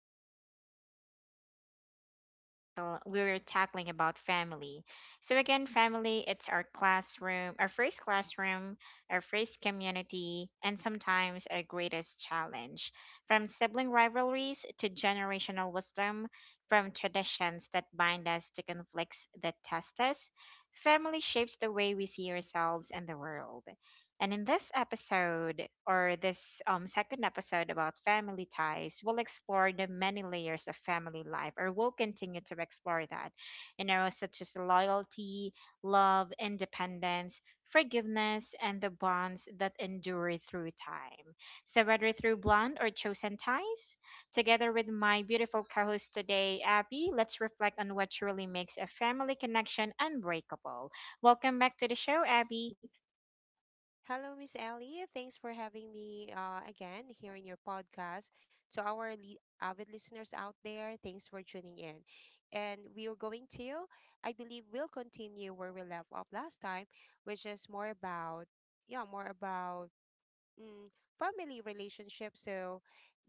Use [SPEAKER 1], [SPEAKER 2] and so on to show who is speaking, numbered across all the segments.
[SPEAKER 1] back to our podcast wherein we're tackling about family. So again, family, it's our classroom, our first community, and sometimes our greatest challenge. From sibling rivalries to generational wisdom, from traditions that bind us to conflicts that test us, family shapes the way we see ourselves and the world. And in this episode, or this second episode about family ties, we'll explore the many layers of family life, or we'll continue to explore that, you know, such as loyalty, love, independence, forgiveness, and the bonds that endure through time. So, whether through blonde or chosen ties, together with my beautiful co host today, Abby, let's reflect on what truly makes a family connection unbreakable. Welcome back to the show, Abby.
[SPEAKER 2] Hello, Miss Ellie. Thanks for having me, again here in your podcast. To our avid listeners out there, thanks for tuning in. And we are going to, I believe we'll continue where we left off last time, which is more about, yeah, more about mm, family relationships. So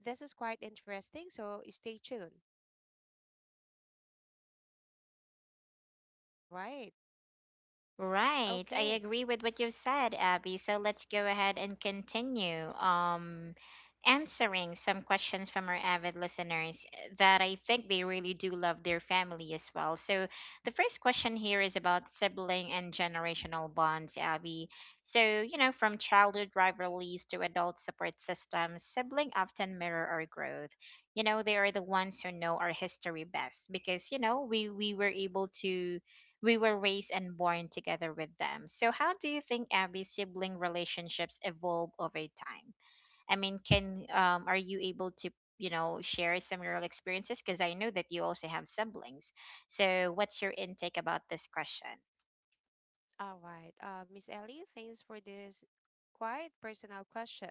[SPEAKER 2] this is quite interesting. So stay tuned. All right.
[SPEAKER 1] Right. I
[SPEAKER 2] Okay.
[SPEAKER 1] agree with what you've said, Abby. So let's go ahead and continue answering some questions from our avid listeners that I think they really do love their family as well. So the first question here is about sibling and generational bonds, Abby. So, you know, from childhood rivalries to adult support systems, sibling often mirror our growth. You know, they are the ones who know our history best because, you know, we were able to we were raised and born together with them. So, how do you think Abby sibling relationships evolve over time? I mean, can are you able to you know share some real experiences? Because I know that you also have siblings. So, what's your intake about this question?
[SPEAKER 2] All right. Miss Ellie, thanks for this quite personal question.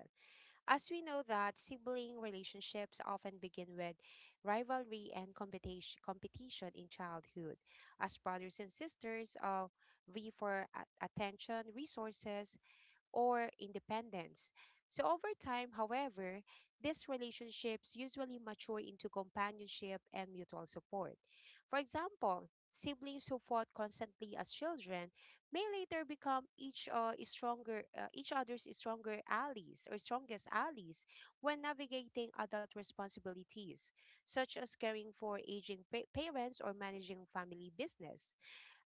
[SPEAKER 2] As we know that sibling relationships often begin with rivalry and competition in childhood, as brothers and sisters vie for attention, resources, or independence. So, over time, however, these relationships usually mature into companionship and mutual support. For example, siblings who fought constantly as children may later become each other's stronger allies or strongest allies when navigating adult responsibilities such as caring for aging parents or managing family business.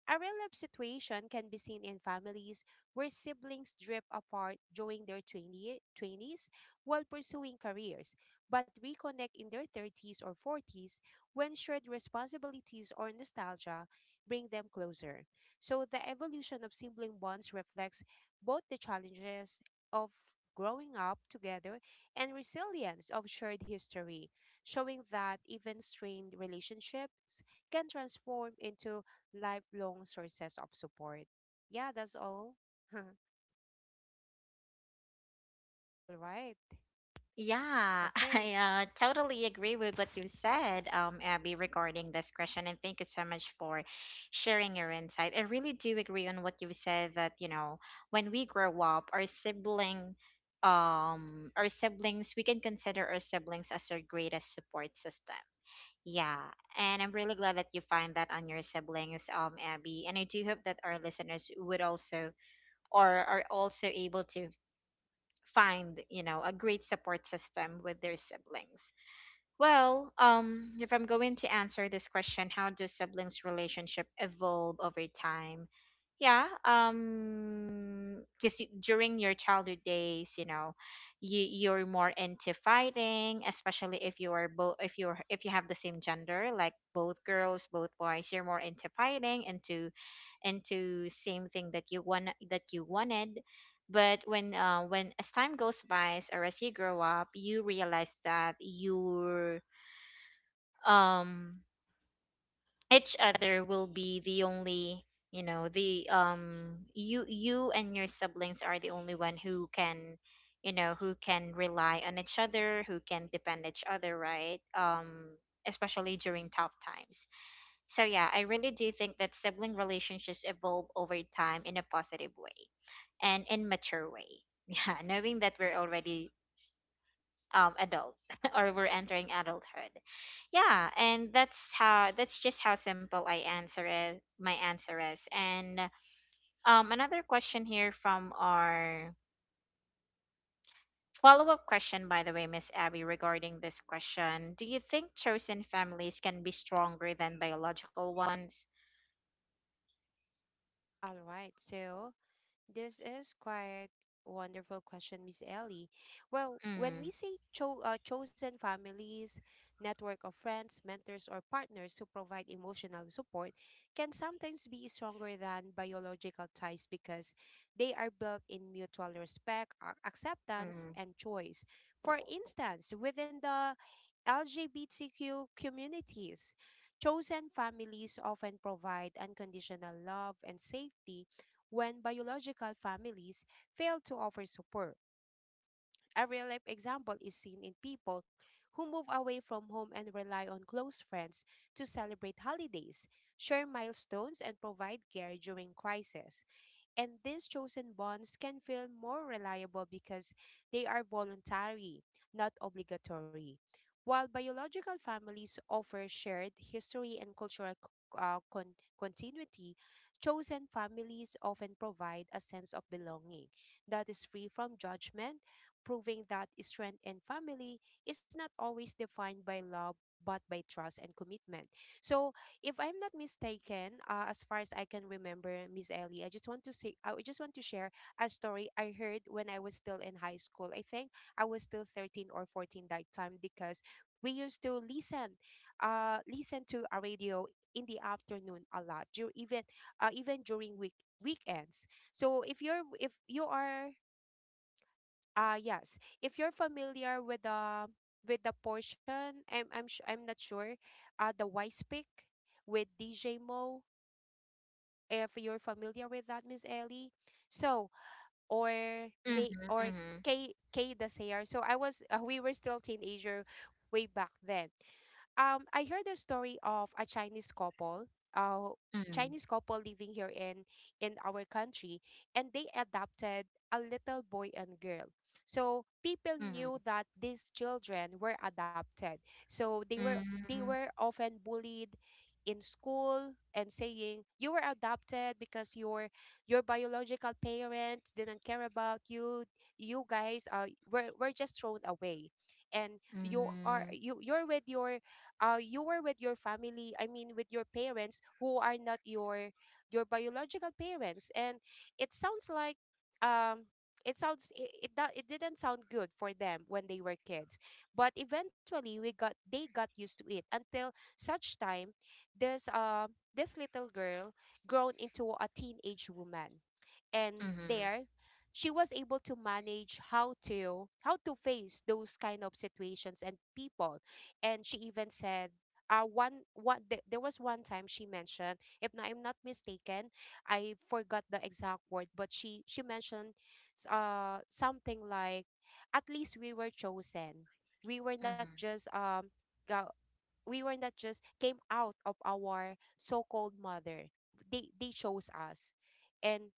[SPEAKER 2] A real life situation can be seen in families where siblings drift apart during their 20 twenties while pursuing careers, but reconnect in their 30s or 40s when shared responsibilities or nostalgia bring them closer. So, the evolution of sibling bonds reflects both the challenges of growing up together and resilience of shared history, showing that even strained relationships can transform into lifelong sources of support. Yeah, that's all. All right.
[SPEAKER 1] Yeah,
[SPEAKER 2] Okay.
[SPEAKER 1] I totally agree with what you said, Abby, regarding this question. And thank you so much for sharing your insight. I really do agree on what you said that, you know, when we grow up, our sibling, our siblings, we can consider our siblings as our greatest support system. Yeah, and I'm really glad that you find that on your siblings, Abby. And I do hope that our listeners would also or are also able to find, you know, a great support system with their siblings. Well, if I'm going to answer this question, how do siblings relationship evolve over time? Yeah, because during your childhood days, you know, you're more into fighting, especially if you are both, if you have the same gender, like both girls both boys, you're more into fighting into same thing that you want that you wanted. But when as time goes by or as you grow up, you realize that your um each other will be the only, you know, the you you and your siblings are the only one who can, you know, who can rely on each other, who can depend each other, right? Especially during tough times. So yeah, I really do think that sibling relationships evolve over time in a positive way and in mature way. Yeah, knowing that we're already adult or we're entering adulthood. Yeah, and that's how that's just how simple I answer it my answer is. And another question here from our follow up question by the way, Miss Abby, regarding this question. Do you think chosen families can be stronger than biological ones?
[SPEAKER 2] All right. So this is quite wonderful question, Miss Ellie. Well, when
[SPEAKER 1] Mm,
[SPEAKER 2] we say chosen families, network of friends, mentors, or partners who provide emotional support can sometimes be stronger than biological ties because they are built in mutual respect, acceptance,
[SPEAKER 1] mm,
[SPEAKER 2] and choice. For instance, within the LGBTQ communities, chosen families often provide unconditional love and safety when biological families fail to offer support. A real life example is seen in people who move away from home and rely on close friends to celebrate holidays, share milestones, and provide care during crisis. And these chosen bonds can feel more reliable because they are voluntary, not obligatory. While biological families offer shared history and cultural continuity, chosen families often provide a sense of belonging that is free from judgment, proving that strength in family is not always defined by love but by trust and commitment. So, if I'm not mistaken, as far as I can remember, Miss Ellie, I just want to share a story I heard when I was still in high school. I think I was still 13 or 14 that time because we used to listen to a radio in the afternoon a lot, even during weekends. So if you are, yes, if you're familiar with the portion. I'm not sure. The Wise Pick with DJ Mo. If you're familiar with that, Miss Ellie. So, or may,
[SPEAKER 1] mm-hmm.
[SPEAKER 2] or
[SPEAKER 1] Mm-hmm.
[SPEAKER 2] K K the Sayer. So I was, we were still teenager way back then. I heard the story of a uh
[SPEAKER 1] Mhm.
[SPEAKER 2] Chinese couple living here in our country, and they adopted a little boy and girl. So people
[SPEAKER 1] Mhm.
[SPEAKER 2] knew that these children were adopted. So they were they
[SPEAKER 1] mm,
[SPEAKER 2] were often bullied in school, and saying, you were adopted because your biological parents didn't care about you, you guys were just thrown away. And
[SPEAKER 1] mhm.
[SPEAKER 2] you you're with your, you were with your family, I mean with your parents who are not your biological parents. And it sounds like, um it sounds, it didn't sound good for them when they were kids, but eventually we got they got used to it. Until such time, this this little girl grown into a teenage woman. And
[SPEAKER 1] Mhm.
[SPEAKER 2] there, she was able to manage how to face those kind of situations and people. And she even said, there was one time she mentioned, if not, I'm not mistaken, I forgot the exact word, but she mentioned, something like, at least we were chosen. We were not
[SPEAKER 1] Mhm.
[SPEAKER 2] just go, we were not just came out of our so-called mother. They chose us. and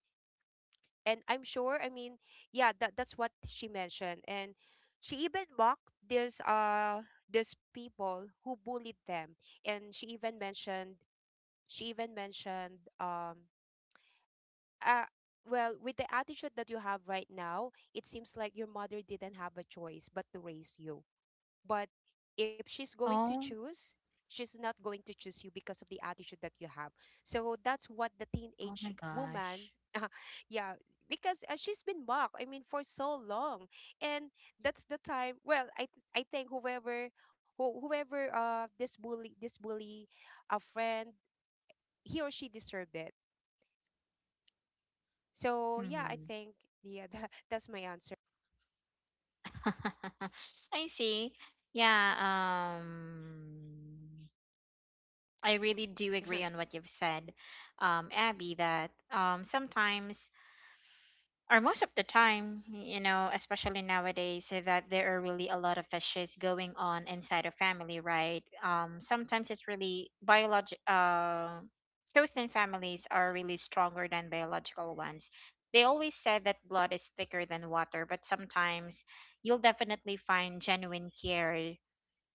[SPEAKER 2] and I'm sure, I mean, yeah, that that's what she mentioned. And she even mocked these people who bullied them. And she even mentioned uh well, with the attitude that you have right now, it seems like your mother didn't have a choice but to raise you. But if she's going to
[SPEAKER 1] Oh.
[SPEAKER 2] choose, she's not going to choose you because of the attitude that you have. So that's what the
[SPEAKER 1] Oh my
[SPEAKER 2] teenage
[SPEAKER 1] gosh.
[SPEAKER 2] woman, yeah, because she's been mocked, I mean, for so long. And that's the time. Well, I think whoever, whoever, this bully, a friend, he or she deserved it. So yeah, I
[SPEAKER 1] Mhm.
[SPEAKER 2] think, yeah, that's my answer.
[SPEAKER 1] I see. Yeah, I really do agree on what you've said, Abby, that sometimes or most of the time, you know, especially nowadays, that there are really a lot of issues going on inside a family, right? Sometimes it's really biologic. Chosen families are really stronger than biological ones. They always say that blood is thicker than water, but sometimes you'll definitely find genuine care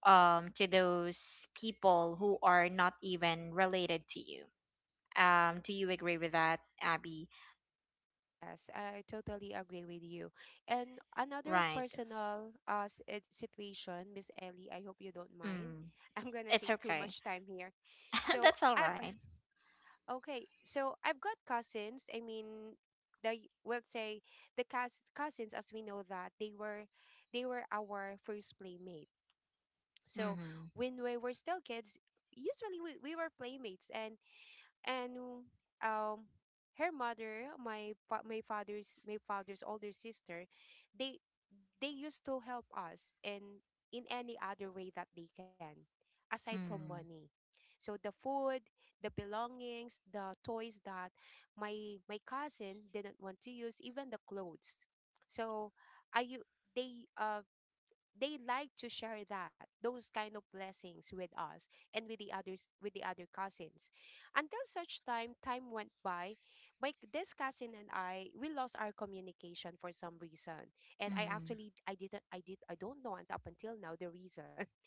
[SPEAKER 1] to those people who are not even related to you. Do you agree with that, Abby?
[SPEAKER 2] Yes, I totally agree with you. And another
[SPEAKER 1] Right.
[SPEAKER 2] personal situation, Miss Ellie, I hope you don't mind.
[SPEAKER 1] Mm,
[SPEAKER 2] I'm gonna
[SPEAKER 1] it's
[SPEAKER 2] take too
[SPEAKER 1] okay.
[SPEAKER 2] much time here. So
[SPEAKER 1] That's all
[SPEAKER 2] I've,
[SPEAKER 1] right.
[SPEAKER 2] okay, so I've got cousins. I mean, the we'll say the cous cousins, as we know that they were, our first playmate. So
[SPEAKER 1] Mm-hmm.
[SPEAKER 2] when we were still kids, usually we were playmates. And and um her mother, my father's older sister, they they used to help us in any other way that they can, aside from money. So the food, the belongings, the toys that my cousin didn't want to use, even the clothes. So I u- they uh they like to share that those kind of blessings with us, and with the others, with the other cousins. Until such time, time went by. My this cousin and I, we lost our communication for some reason. and i
[SPEAKER 1] Mm-hmm.
[SPEAKER 2] actually i didn't i did i don't know, and up until now, the reason.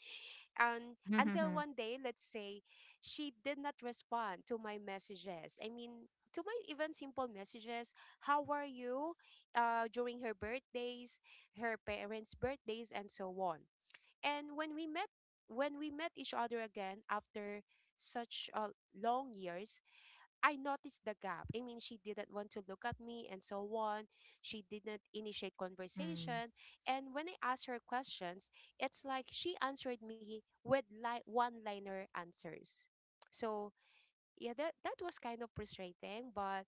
[SPEAKER 2] And until
[SPEAKER 1] Mm-hmm.
[SPEAKER 2] one day, let's say, she did not respond to my messages, I mean, to my even simple messages, how are you, during her birthdays, her parents birthdays, and so on. And when we met each other again after such, long years, I noticed the gap. I mean, she didn't want to look at me and so on. She didn't initiate
[SPEAKER 1] Mm-hmm.
[SPEAKER 2] conversation. And when I asked her questions, it's like she answered me with like one-liner answers. So, yeah, that was kind of frustrating, but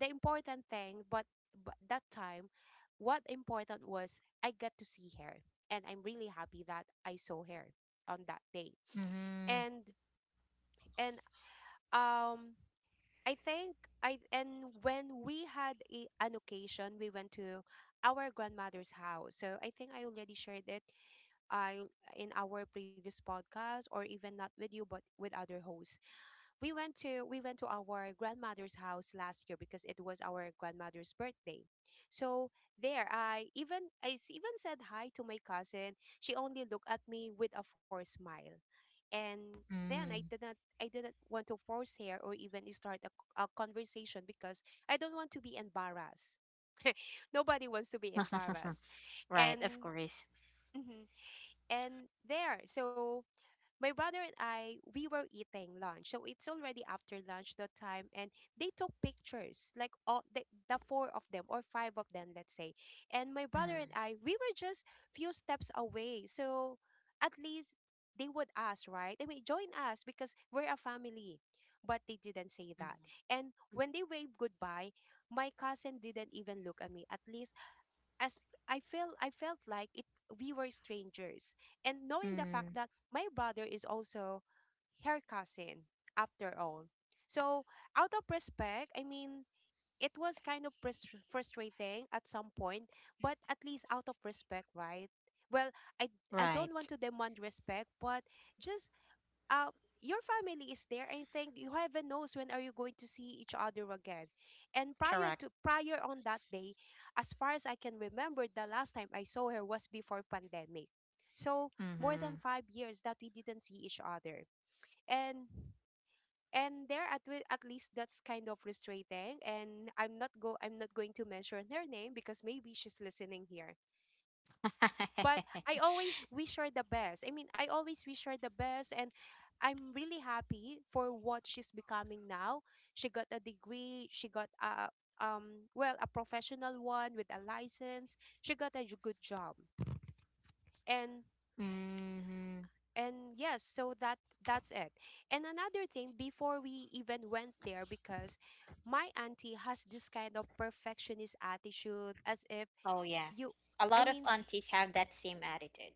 [SPEAKER 2] the important thing, but that time, what important was I got to see her, and I'm really happy that I saw her on that day. And and um. I think, I and when we had an occasion, we went to our grandmother's house. So I think I already shared it, I in our previous podcast, or even not with you but with other hosts. We went to our grandmother's house last year because it was our grandmother's birthday. So there, I even I s- even said hi to my cousin. She only looked at me with a forced smile. And then
[SPEAKER 1] Mm-hmm.
[SPEAKER 2] I didn't want to force her or even start a conversation because I don't want to be embarrassed. Nobody wants to be embarrassed.
[SPEAKER 1] Right, of
[SPEAKER 2] And
[SPEAKER 1] course.
[SPEAKER 2] mhm, and there. So my brother and I, we were eating lunch. So it's already after lunch that time, and they took pictures, like the four of them or five of them, let's say. And my brother
[SPEAKER 1] Mm-hmm.
[SPEAKER 2] and I, we were just few steps away. So at least they would ask, right? I mean, join us because we're a family. But they didn't say that. And when they waved goodbye, my cousin didn't even look at me. At least, as I felt like it, we were strangers. And knowing the fact
[SPEAKER 1] Mm.
[SPEAKER 2] that my brother is also her cousin after all. So out of respect, I mean, it was kind of frustrating at some point, but at least out of respect, right? Well, I I don't want
[SPEAKER 1] Right.
[SPEAKER 2] to demand respect, but just, um your family is there, and think you, heaven knows when are you going to see each other again. And
[SPEAKER 1] Correct.
[SPEAKER 2] prior on that day, as far as I can remember, the last time I saw her was before pandemic. So more
[SPEAKER 1] Mm-hmm.
[SPEAKER 2] than 5 years that we didn't see each other. And and there at wi- at least that's kind of frustrating. And i'm not go i'm not going to mention her name because maybe she's listening here. But I always wish her the best. I mean, I always wish her the best. And I'm really happy for what she's becoming now. She got a degree, she got a, well, a professional one with a license. She got a good job. And
[SPEAKER 1] Mm-hmm.
[SPEAKER 2] and yes, so that that's it. And another thing, before we even went there, because my auntie has this kind of perfectionist attitude, as if
[SPEAKER 1] Oh yeah.
[SPEAKER 2] you
[SPEAKER 1] A
[SPEAKER 2] I
[SPEAKER 1] lot of
[SPEAKER 2] mean,
[SPEAKER 1] aunties have that same attitude.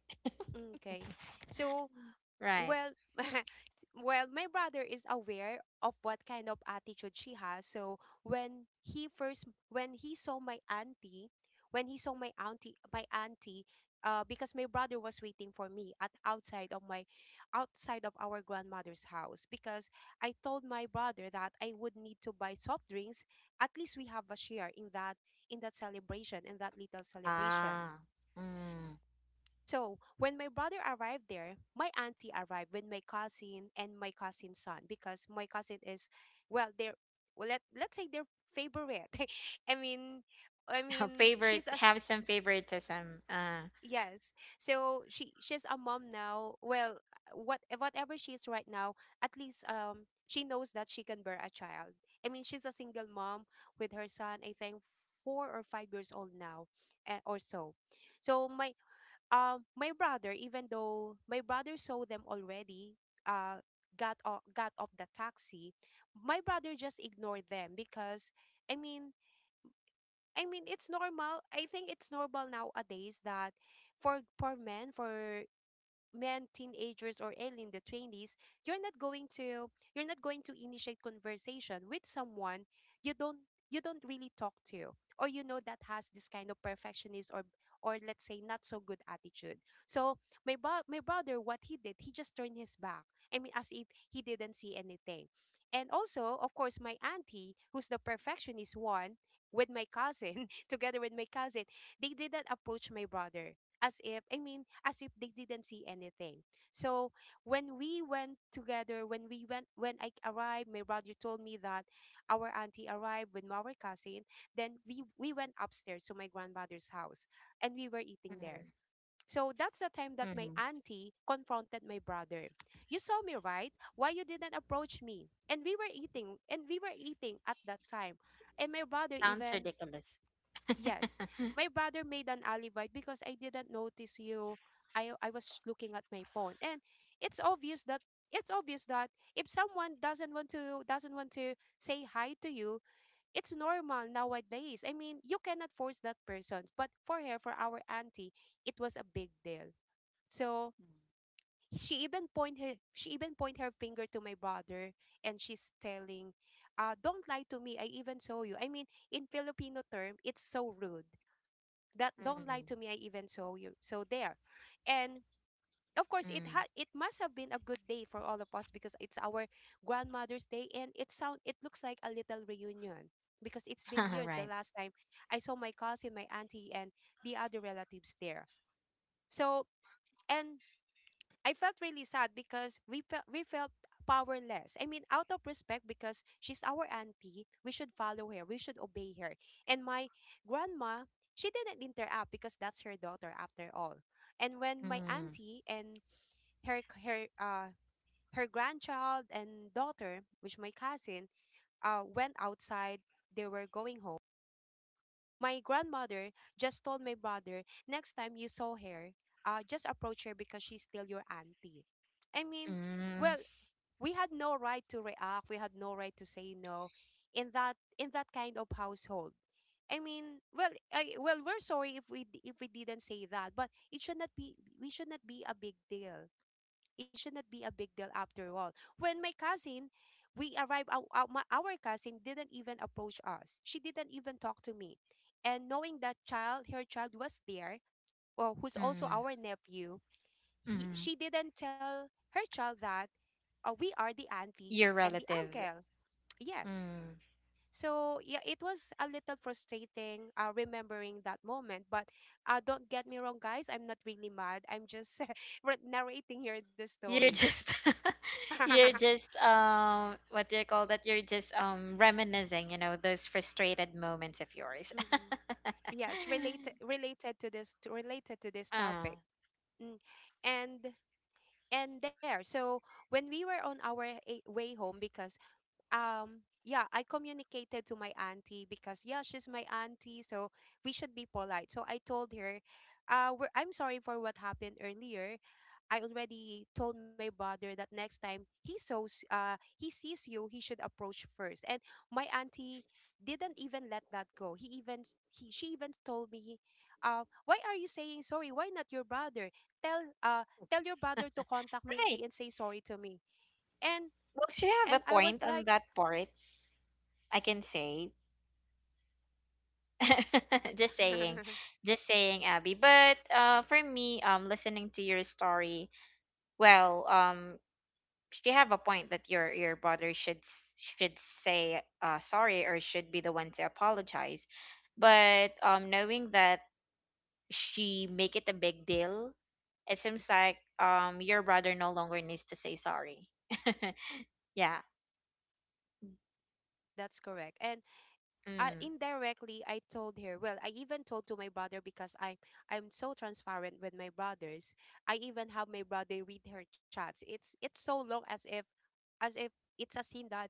[SPEAKER 2] mm, okay. So
[SPEAKER 1] Right.
[SPEAKER 2] Well, well, my brother is aware of what kind of attitude she has. So when he first, when he saw my auntie, because my brother was waiting for me at outside of our grandmother's house. Because I told my brother that I would need to buy soft drinks. At least we have a share in that, in that celebration in that little celebration.
[SPEAKER 1] Ah. Mm.
[SPEAKER 2] So when my brother arrived there, my auntie arrived with my cousin and my cousin's son, because my cousin is, well, they're, well, let's say their favorite. I mean, I mean,
[SPEAKER 1] Favorite
[SPEAKER 2] she's a
[SPEAKER 1] have some favoritism.
[SPEAKER 2] yes. So she's a mom now. Well, whatever she is right now, at least she knows that she can bear a child. I mean, she's a single mom with her son, I think 4 or 5 years old now, or so. So my brother, even though my brother saw them already, uh got off the taxi, my brother just ignored them. Because, i mean I mean, it's normal, I think it's normal nowadays that for men, for men teenagers or early in the 20s, you're not going to initiate conversation with someone you don't really talk to, or you know, that has this kind of perfectionist or let's say, not so good attitude. So my brother, what he did, he just turned his back. I mean, as if he didn't see anything. And also, of course, my auntie, who's the perfectionist one, with my cousin, together with my cousin, they didn't approach my brother, as if they didn't see anything. So when we went together, when we went when I arrived, my brother told me that our auntie arrived with our cousin. Then we went upstairs to my grandmother's house, and we were eating
[SPEAKER 1] Mm-hmm.
[SPEAKER 2] there. So that's the time
[SPEAKER 1] Mm-hmm.
[SPEAKER 2] that my auntie confronted my brother. You saw me, right? Why you didn't approach me? And we were eating at that time. And my brother
[SPEAKER 1] Sounds
[SPEAKER 2] even,
[SPEAKER 1] ridiculous.
[SPEAKER 2] yes, my brother made an alibi, because I didn't notice you. I was looking at my phone. And it's obvious that, it's obvious that if someone doesn't want to, say hi to you, it's normal nowadays. I mean, you cannot force that person. But for her, for our auntie, it was a big deal. So she even point her finger to my brother, and she's telling, "Don't lie to me. I even saw you." I mean, in Filipino term, it's so rude that, don't
[SPEAKER 1] Mm.
[SPEAKER 2] lie to me, I even saw you. So there. And of course, it
[SPEAKER 1] Mm.
[SPEAKER 2] had, it must have been a good day for all of us, because it's our grandmother's day, and it sound, it looks like a little reunion, because it's been years the
[SPEAKER 1] Right.
[SPEAKER 2] last time I saw my cousin, my auntie, and the other relatives there. So, and I felt really sad, because we felt powerless. I mean, out of respect, because she's our auntie, we should follow her, we should obey her. And my grandma, she didn't interact, because that's her daughter after all. And when my
[SPEAKER 1] Mm.
[SPEAKER 2] auntie, and her her uh her grandchild and daughter, which my cousin, went outside, they were going home, my grandmother just told my brother, next time you saw her, just approach her, because she's still your auntie. I mean,
[SPEAKER 1] Mm.
[SPEAKER 2] well, we had no right to react. We had no right to say no in that, kind of household. I mean, well, I, well, we're sorry if if we didn't say that, but it should not be, we should not be a big deal. It should not be a big deal after all. When my cousin, we arrived, our cousin didn't even approach us. She didn't even talk to me. And knowing that child, her child was there, well, who's also
[SPEAKER 1] Mm.
[SPEAKER 2] our nephew,
[SPEAKER 1] Mm.
[SPEAKER 2] she didn't tell her child that, we are the auntie
[SPEAKER 1] Your
[SPEAKER 2] and the
[SPEAKER 1] relative.
[SPEAKER 2] uncle. Yes.
[SPEAKER 1] Mm.
[SPEAKER 2] So yeah, it was a little frustrating, remembering that moment. But don't get me wrong, guys. I'm not really mad. I'm just narrating here the
[SPEAKER 1] You're
[SPEAKER 2] story.
[SPEAKER 1] just you're just what do you call that? You're just reminiscing, you know, those frustrated moments of yours.
[SPEAKER 2] Mm-mm. Yes, related to this, related to this
[SPEAKER 1] Oh,
[SPEAKER 2] topic. Mm. And and there. So when we were on our way home, because yeah, I communicated to my auntie, because yeah, she's my auntie, so we should be polite. So I told her, we're, I'm sorry for what happened earlier. I already told my brother that next time he sees you, he should approach first. And my auntie didn't even let that go. He even s- he she even told me, why are you saying sorry? Why not your brother? Tell uh Tell your brother to contact me and
[SPEAKER 1] right.
[SPEAKER 2] say sorry to me. And
[SPEAKER 1] Well, if you
[SPEAKER 2] and
[SPEAKER 1] have
[SPEAKER 2] I
[SPEAKER 1] a
[SPEAKER 2] was
[SPEAKER 1] point
[SPEAKER 2] like,
[SPEAKER 1] on that part, I can say. Just saying, just saying, Abby. But for me, listening to your story, well, she have a point that your brother should should say sorry or should be the one to apologize. But knowing that she make it a big deal, it seems like your brother no longer needs to say sorry. Yeah.
[SPEAKER 2] yes, that's correct. And
[SPEAKER 1] Mm.
[SPEAKER 2] indirectly I told her. Well, I even told to my brother, because I'm so transparent with my brothers. I even have my brother read her chats. It's so long, as if, as if it's a scene that,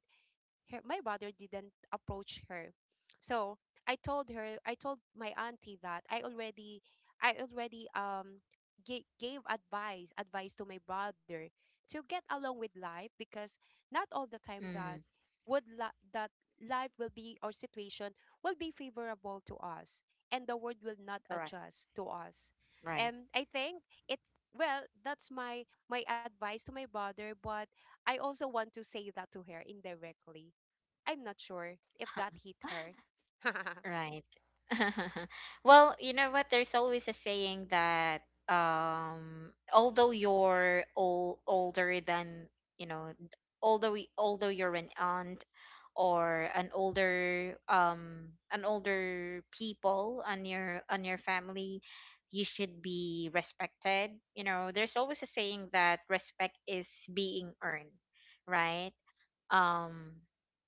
[SPEAKER 2] her, my brother didn't approach her. So I told her, I told my auntie that I already gave advice, advice to my brother to get along with life. Because not all the time that
[SPEAKER 1] Mm.
[SPEAKER 2] that life will be, or situation will be favorable to us, and the world will not
[SPEAKER 1] Correct.
[SPEAKER 2] adjust to us.
[SPEAKER 1] Right.
[SPEAKER 2] And I think it well, that's my, my advice to my brother, but I also want to say that to her indirectly. I'm not sure if that hit her.
[SPEAKER 1] Right. Well, you know what? There's always a saying that although you're old, older than, you know, although you're an aunt or an older people on your family, you should be respected. You know, there's always a saying that respect is being earned, right? um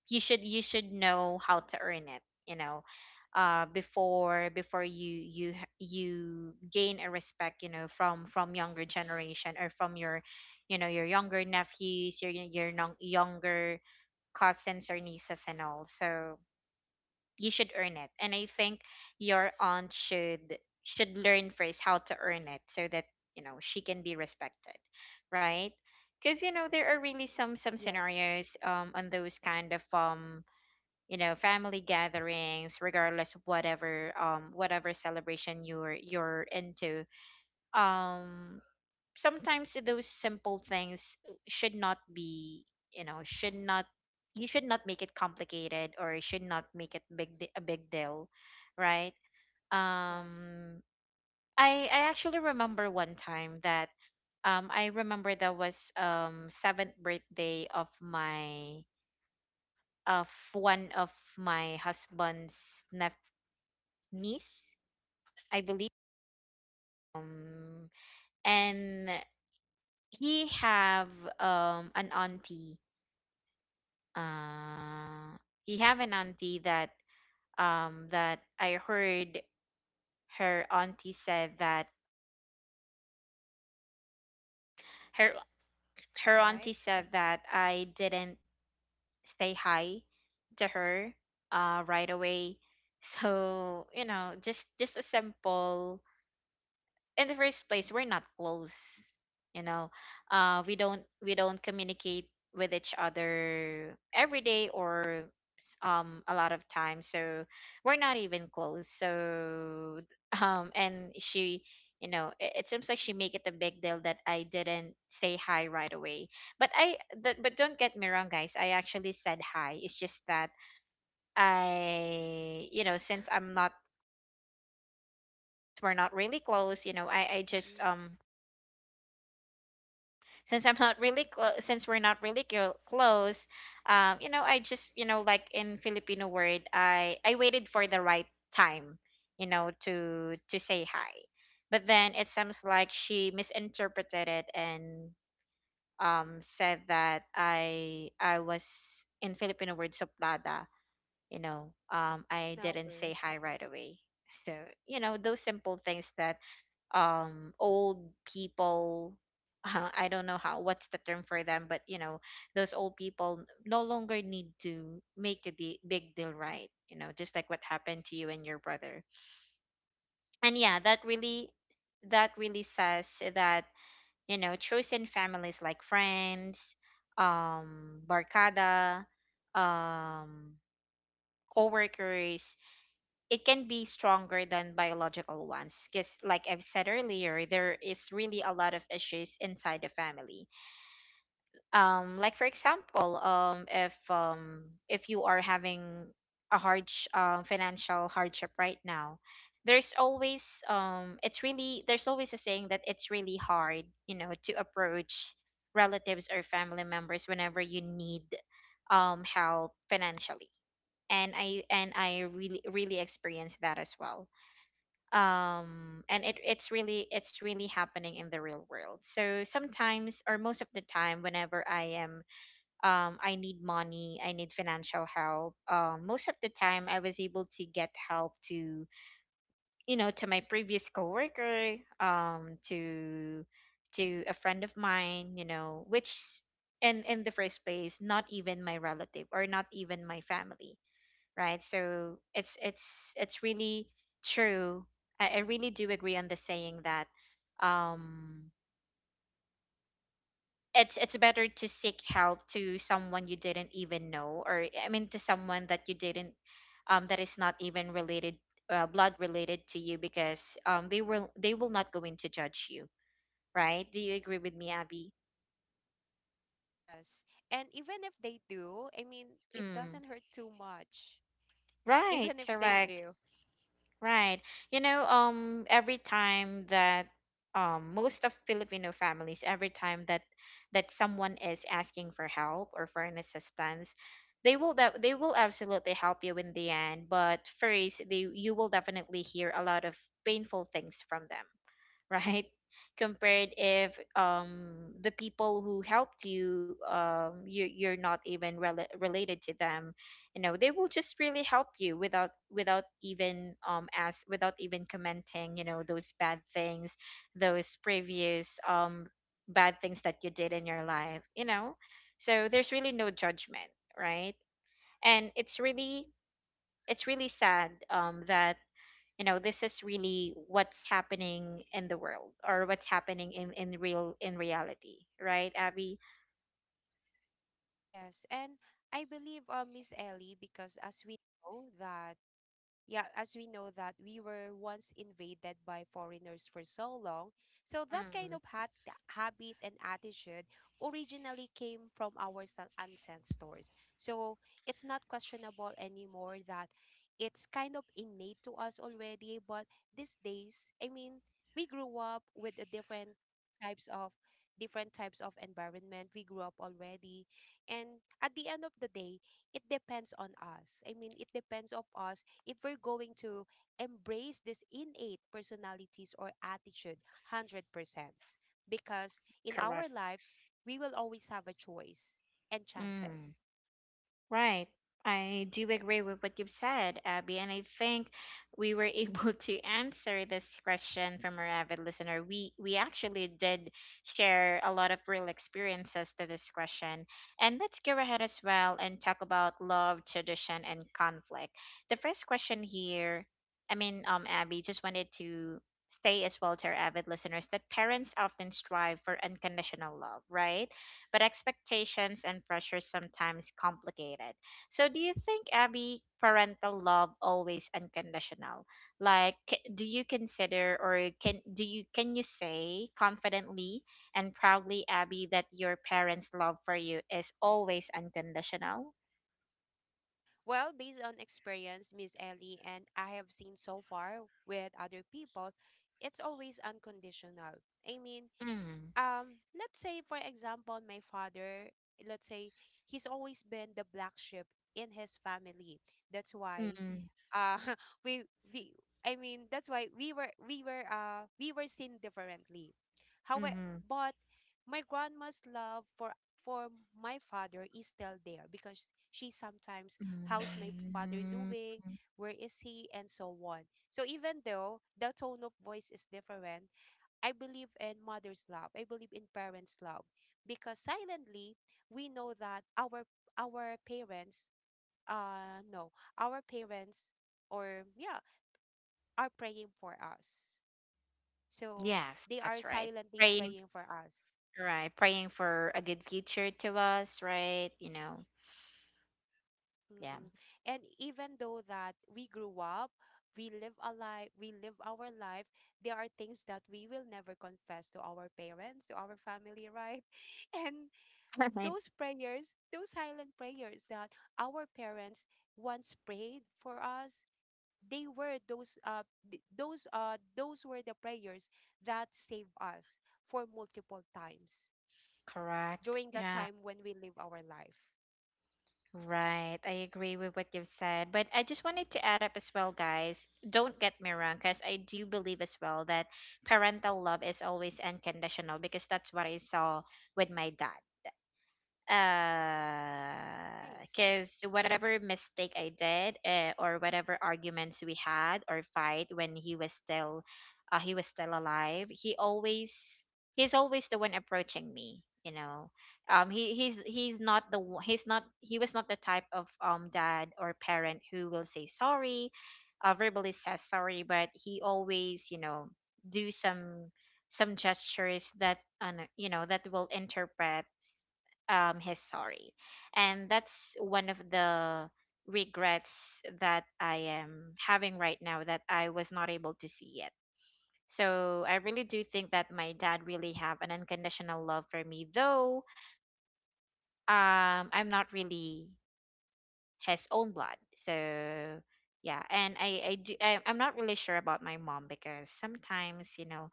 [SPEAKER 1] you should, you should know how to earn it, you know. Before, before you you gain a respect, you know, from younger generation or from your, you know, your younger nephews, your younger cousins or nieces and all. So you should earn it, and I think your aunt should learn first how to earn it, so that, you know, she can be respected. Right? Because, you know, there are really some
[SPEAKER 2] Yes.
[SPEAKER 1] scenarios on those kind of um, you know, family gatherings regardless of whatever whatever celebration you're into. Um, sometimes those simple things should not be, you know, should not, you should not make it complicated or you should not make it big a big deal. Right?
[SPEAKER 2] Yes.
[SPEAKER 1] Um, I actually remember one time that I remember that was seventh birthday of my of one of my husband's nep- niece, I believe. um and he have an auntie. Uh, you have an auntie that that I heard her auntie said that her, her
[SPEAKER 2] All
[SPEAKER 1] auntie
[SPEAKER 2] right.
[SPEAKER 1] said that I didn't say hi to her right away. So, you know, just a simple in the first place we're not close, you know. We don't, we don't communicate with each other every day or a lot of times, so we're not even close, so and she, you know, it seems like she make it a big deal that I didn't say hi right away. But but don't get me wrong, guys, I actually said hi. It's just that I, you know, since I'm not we're not really close, you know, I just
[SPEAKER 2] Mm-mm.
[SPEAKER 1] since we're not really close, you know, I just, you know, like in Filipino word, I waited for the right time, you know, to say hi. But then it seems like she misinterpreted it and said that I was in Filipino word soplada, you know, I didn't say
[SPEAKER 2] Snubber.
[SPEAKER 1] hi right away. So you know those simple things that old people I don't know how what's the term for them, but you know those old people no longer need to make a big deal, right? You know, just like what happened to you and your brother. And yeah, that really, that really says that, you know, chosen families like friends, barcada, um co it can be stronger than biological ones, because like I've said earlier, there is really a lot of issues inside the family. Um, like for example, if you are having a hard financial hardship right now, there's always it's really there's always a saying that it's really hard, you know, to approach relatives or family members whenever you need help financially. And I really really experienced that as well. Um, and it it's really, it's really happening in the real world. So sometimes or most of the time whenever I am I need money, I need financial help. Um, most of the time I was able to get help to, you know, to my previous coworker, to a friend of mine, you know, which and in the first place not even my relative or not even my family, right? So it's really true. I really do agree on the saying that um it's better to seek help to someone you didn't even know, or I mean to someone that you didn't that is not even related, blood related to you, because they will, they will not go in to judge you, right? Do you agree with me, Abby?
[SPEAKER 2] Yes. And even if they do, I mean, it
[SPEAKER 1] Mm.
[SPEAKER 2] doesn't hurt too much.
[SPEAKER 1] Right,
[SPEAKER 2] Even if they
[SPEAKER 1] correct.
[SPEAKER 2] do.
[SPEAKER 1] Right. Every time that most of Filipino families, every time that someone is asking for help or for an assistance, they will absolutely help you in the end. But first, they you will definitely hear a lot of painful things from them, right? Compared if the people who helped you, you're not even related to them, you know they will just really help you without even as without even commenting, you know, those bad things, those previous bad things that you did in your life, you know. So there's really no judgment, right? And it's really sad that you know this is really what's happening in the world, or what's happening in real in reality, right, Abby?
[SPEAKER 2] Yes. And I believe, Miss Ellie, because as we know that yeah, as we know that, we were once invaded by foreigners for so long. So that kind
[SPEAKER 1] Mm,
[SPEAKER 2] of habit and attitude originally came from our ancestors. So it's not questionable anymore that it's kind of innate to us already. But these days, I mean, we grew up with a types of different types of environment, we grew up already. And at the end of the day, it depends on us, I mean, it depends of us, if we're going to embrace this innate personalities or attitude 100%. Because in our
[SPEAKER 1] correct.
[SPEAKER 2] life, we will always have a choice and
[SPEAKER 1] Mm.
[SPEAKER 2] chances.
[SPEAKER 1] Right. I do agree with what you've said, Abby, and I think we were able to answer this question from our avid listener. We actually did share a lot of real experiences to this question. And let's go ahead as well and talk about love, tradition, and conflict. The first question here, I mean, Abby, just wanted to say as well to our avid listeners that parents often strive for unconditional love, right? But expectations and pressure sometimes complicate it. So, do you think, Abby, parental love always unconditional? Like, do you consider, or can you say confidently and proudly, Abby, that your parents' love for you is always unconditional?
[SPEAKER 2] Well, based on experience, Miss Ellie, and I have seen so far with other people, it's always unconditional. I mean,
[SPEAKER 1] Mm,
[SPEAKER 2] let's say, for example, my father, let's say, he's always been the black sheep in his family. That's why
[SPEAKER 1] mm,
[SPEAKER 2] uh we we I mean that's why we were we were we were seen differently. However,
[SPEAKER 1] mm,
[SPEAKER 2] but my grandma's love for my father is still there, because she sometimes, how's my father
[SPEAKER 1] mm.
[SPEAKER 2] doing, where is he, and so on. So even though the tone of voice is different, I believe in mother's love, I believe in parents love. Because silently, we know that our parents, no our parents or yeah, are praying for us. So
[SPEAKER 1] Yes,
[SPEAKER 2] they are
[SPEAKER 1] that's right.
[SPEAKER 2] silently
[SPEAKER 1] Praying,
[SPEAKER 2] praying for us.
[SPEAKER 1] right? Praying for a good future to us, right? You know, yeah.
[SPEAKER 2] Mm-mm. And even though that we grew up, we live our life, there are things that we will never confess to our parents, to our family, right? And
[SPEAKER 1] I.
[SPEAKER 2] those prayers, those silent prayers that our parents once prayed for us, they were those th- those were the prayers that saved us for multiple times
[SPEAKER 1] Correct.
[SPEAKER 2] during the
[SPEAKER 1] Yeah.
[SPEAKER 2] time when we live our life.
[SPEAKER 1] Right. I agree with what you've said. But I just wanted to add up as well, guys. Don't get me wrong, because I do believe as well that parental love is always unconditional because that's what I saw with my dad.
[SPEAKER 2] Nice.
[SPEAKER 1] Because whatever mistake I did, or whatever arguments we had or fight when he was still, he was still alive, he's always the one approaching me. You know, he's not he was not the type of dad or parent who will say sorry, verbally says sorry, but he always, you know, do some gestures that, you know, that will interpret his sorry, and that's one of the regrets that I am having right now, that I was not able to see it. So I really do think that my dad really have an unconditional love for me, though I'm not really his own blood. So yeah. And I'm not really sure about my mom, because sometimes, you know,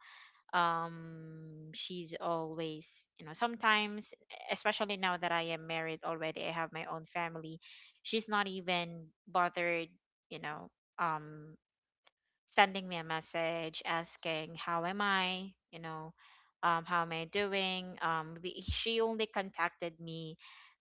[SPEAKER 1] she's always, you know, sometimes, especially now that I am married already, I have my own family, she's not even bothered, you know, um sending me a message asking how am I, you know, how am I doing. She only contacted me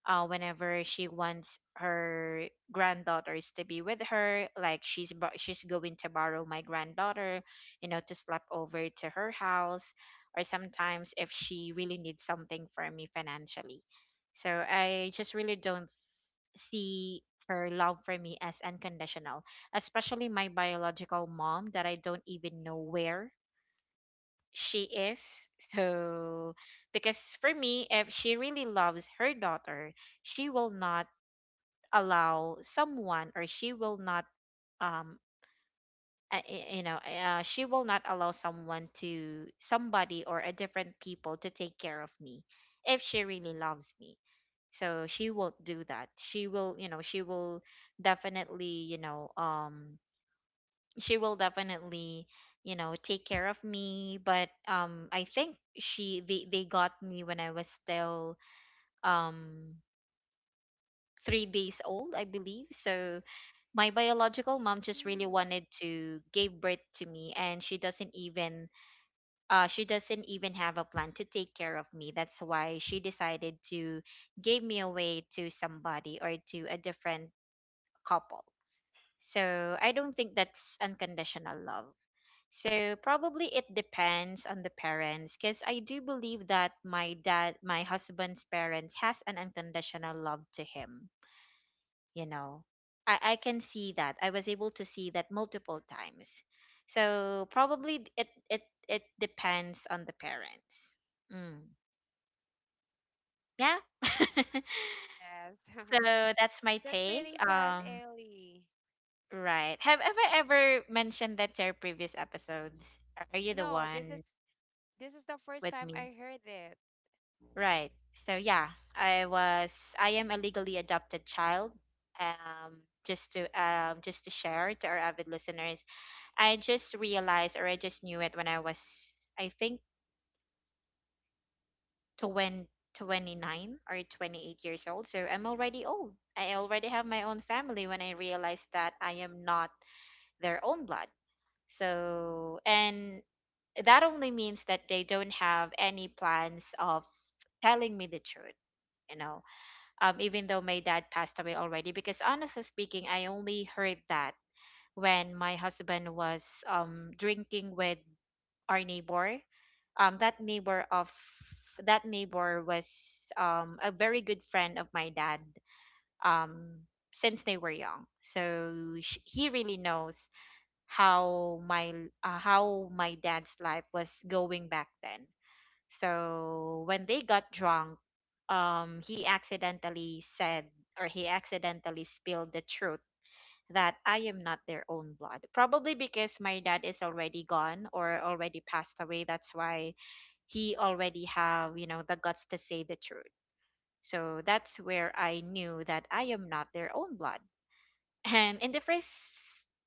[SPEAKER 1] whenever she wants her granddaughters to be with her. Like she's going to borrow my granddaughter, you know, to sleep over to her house, or sometimes if she really needs something from me financially. So I just really don't see her love for me as unconditional, especially my biological mom, that I don't even know where she is. So, because for me, if she really loves her daughter, she will not allow someone, or she will not um you know, she will not allow someone to somebody or a different people to take care of me if she really loves me. So she won't do that. She will, you know, she will definitely, you know, she will definitely, you know, take care of me. But I think she they got me when I was still um 3 days old, I believe. So my biological mom just really
[SPEAKER 2] Mm,
[SPEAKER 1] wanted to give birth to me, and she doesn't even, she doesn't even have a plan to take care of me. That's why she decided to give me away to somebody or to a different couple. So I don't think that's unconditional love. So probably it depends on the parents, because I do believe that my dad, my husband's parents has an unconditional love to him, you know. I can see that. I was able to see that multiple times. So probably it it depends on the parents. Mm. Yeah.
[SPEAKER 2] yes.
[SPEAKER 1] So that's my
[SPEAKER 2] That's
[SPEAKER 1] take.
[SPEAKER 2] really sad, Ellie.
[SPEAKER 1] Right, have ever mentioned that to our previous episodes? Are you the
[SPEAKER 2] No,
[SPEAKER 1] one
[SPEAKER 2] this is the first
[SPEAKER 1] with
[SPEAKER 2] time
[SPEAKER 1] me,
[SPEAKER 2] I heard it.
[SPEAKER 1] right? So yeah, i was I am a legally adopted child, just to share to our avid listeners. I just realized, or I just knew it, when I was, I think, 20 29 or 28 years old. So I'm already old. I already have my own family when I realized that I am not their own blood. So, and that only means that they don't have any plans of telling me the truth. You know, even though my dad passed away already, because honestly speaking, I only heard that when my husband was drinking with our neighbor. um that neighbor of that neighbor was a very good friend of my dad um since they were young. So he really knows how my, how my dad's life was going back then. So when they got drunk, he accidentally said, or he accidentally spilled the truth, that I am not their own blood. Probably because my dad is already gone or already passed away, that's why he already have, you know, the guts to say the truth. So that's where I knew that I am not their own blood. And in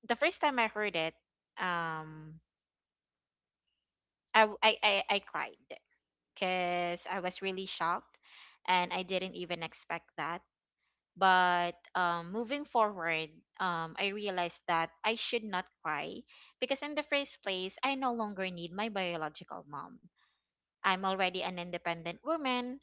[SPEAKER 1] the first time I heard it, um I cried, because I was really shocked, and I didn't even expect that. But moving forward, I realized that I should not cry because, in the first place, I no longer need my biological mom. I'm already an independent woman.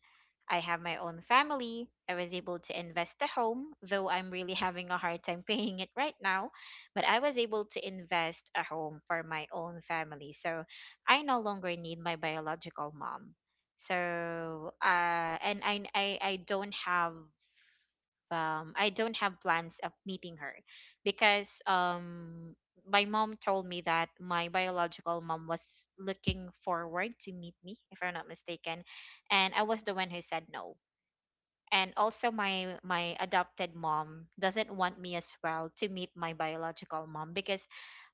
[SPEAKER 1] I have my own family. I was able to invest a home, though I'm really having a hard time paying it right now. But I was able to invest a home for my own family. So I no longer need my biological mom. So and I don't have I don't have plans of meeting her, because my mom told me that my biological mom was looking forward to meet me, if I'm not mistaken, and I was the one who said no. And also my adopted mom doesn't want me as well to meet my biological mom, because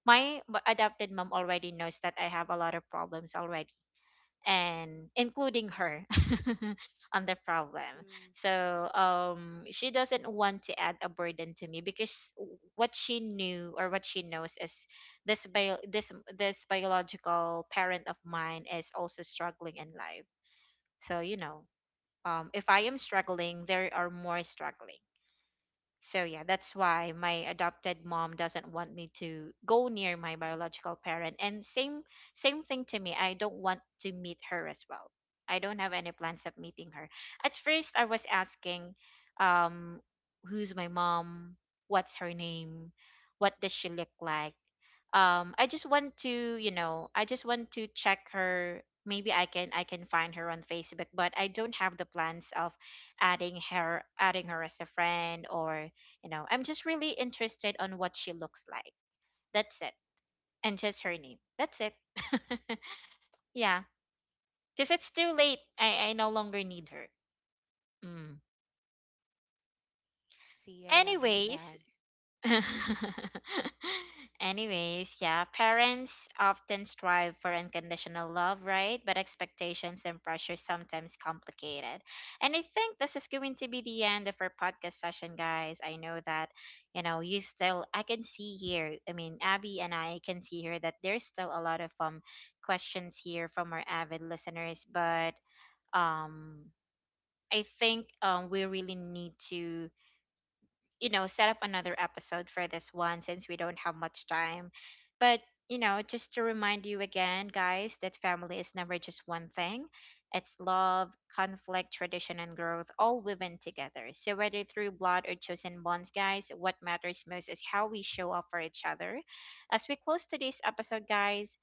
[SPEAKER 1] my adopted mom already knows that I have a lot of problems already, and including her on the problem.
[SPEAKER 2] Mm,
[SPEAKER 1] So she doesn't want to add a burden to me, because what she knew, or what she knows, is this bio this this biological parent of mine is also struggling in life. So you know, if I am struggling, there are more struggling. So yeah, that's why my adopted mom doesn't want me to go near my biological parent. And same thing to me. I don't want to meet her as well. I don't have any plans of meeting her. At first I was asking um who's my mom? What's her name? What does she look like? I just want to, you know, I just want to check her. Maybe I can find her on Facebook, but I don't have the plans of adding her as a friend, or, you know, I'm just really interested on what she looks like. That's it. And just her name. That's it. Yeah. Because it's too late. I no longer need her. Mm.
[SPEAKER 2] I see, I
[SPEAKER 1] Anyways.
[SPEAKER 2] understand.
[SPEAKER 1] Anyways, yeah, parents often strive for unconditional love, right? But expectations and pressure sometimes complicated. And I think this is going to be the end of our podcast session, guys. I know that, you know, you still I can see here, I mean, Abby and I can see here that there's still a lot of questions here from our avid listeners, but um I think we really need to, you know, set up another episode for this one, since we don't have much time. But, you know, just to remind you again, guys, that family is never just one thing. It's love, conflict, tradition, and growth, all woven together. So, whether through blood or chosen bonds, guys, what matters most is how we show up for each other. As we close today's episode, guys,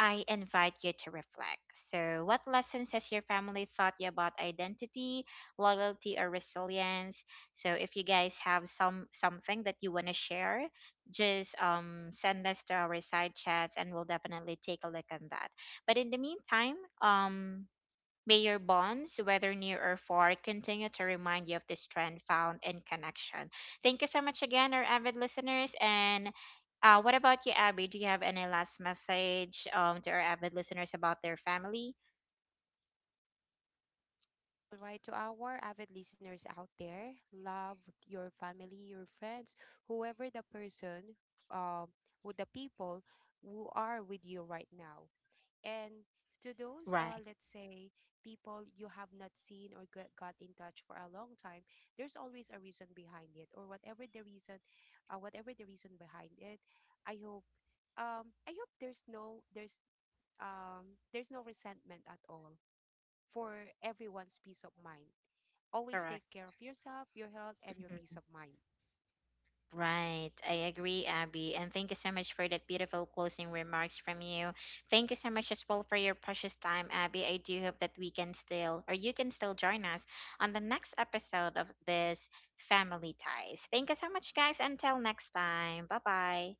[SPEAKER 1] I invite you to reflect. So, what lessons has your family taught you about identity, loyalty, or resilience? So, if you guys have something that you want to share, just send us to our side chats, and we'll definitely take a look on that. But in the meantime, may your bonds, whether near or far, continue to remind you of the strength found in connection. Thank you so much again, our avid listeners. And what about you, Abby? Do you have any last message, to our avid listeners about their family?
[SPEAKER 2] All right, to our avid listeners out there, love your family, your friends, whoever the person, um, with the people who are with you right now. And to
[SPEAKER 1] Right,
[SPEAKER 2] those, let's say, people you have not seen or got in touch for a long time, there's always a reason behind it, or whatever the reason behind it. I hope, um, I hope there's no there's there's no resentment at all, for everyone's peace of mind. Always
[SPEAKER 1] correct.
[SPEAKER 2] take care of yourself, your health, and your peace
[SPEAKER 1] Mhm.
[SPEAKER 2] of mind.
[SPEAKER 1] Right, I agree, Abby. And thank you so much for that beautiful closing remarks from you. Thank you so much as well for your precious time, Abby. I do hope that we can still, or you can still join us on the next episode of this Family Ties. Thank you so much, guys. Until next time. Bye bye.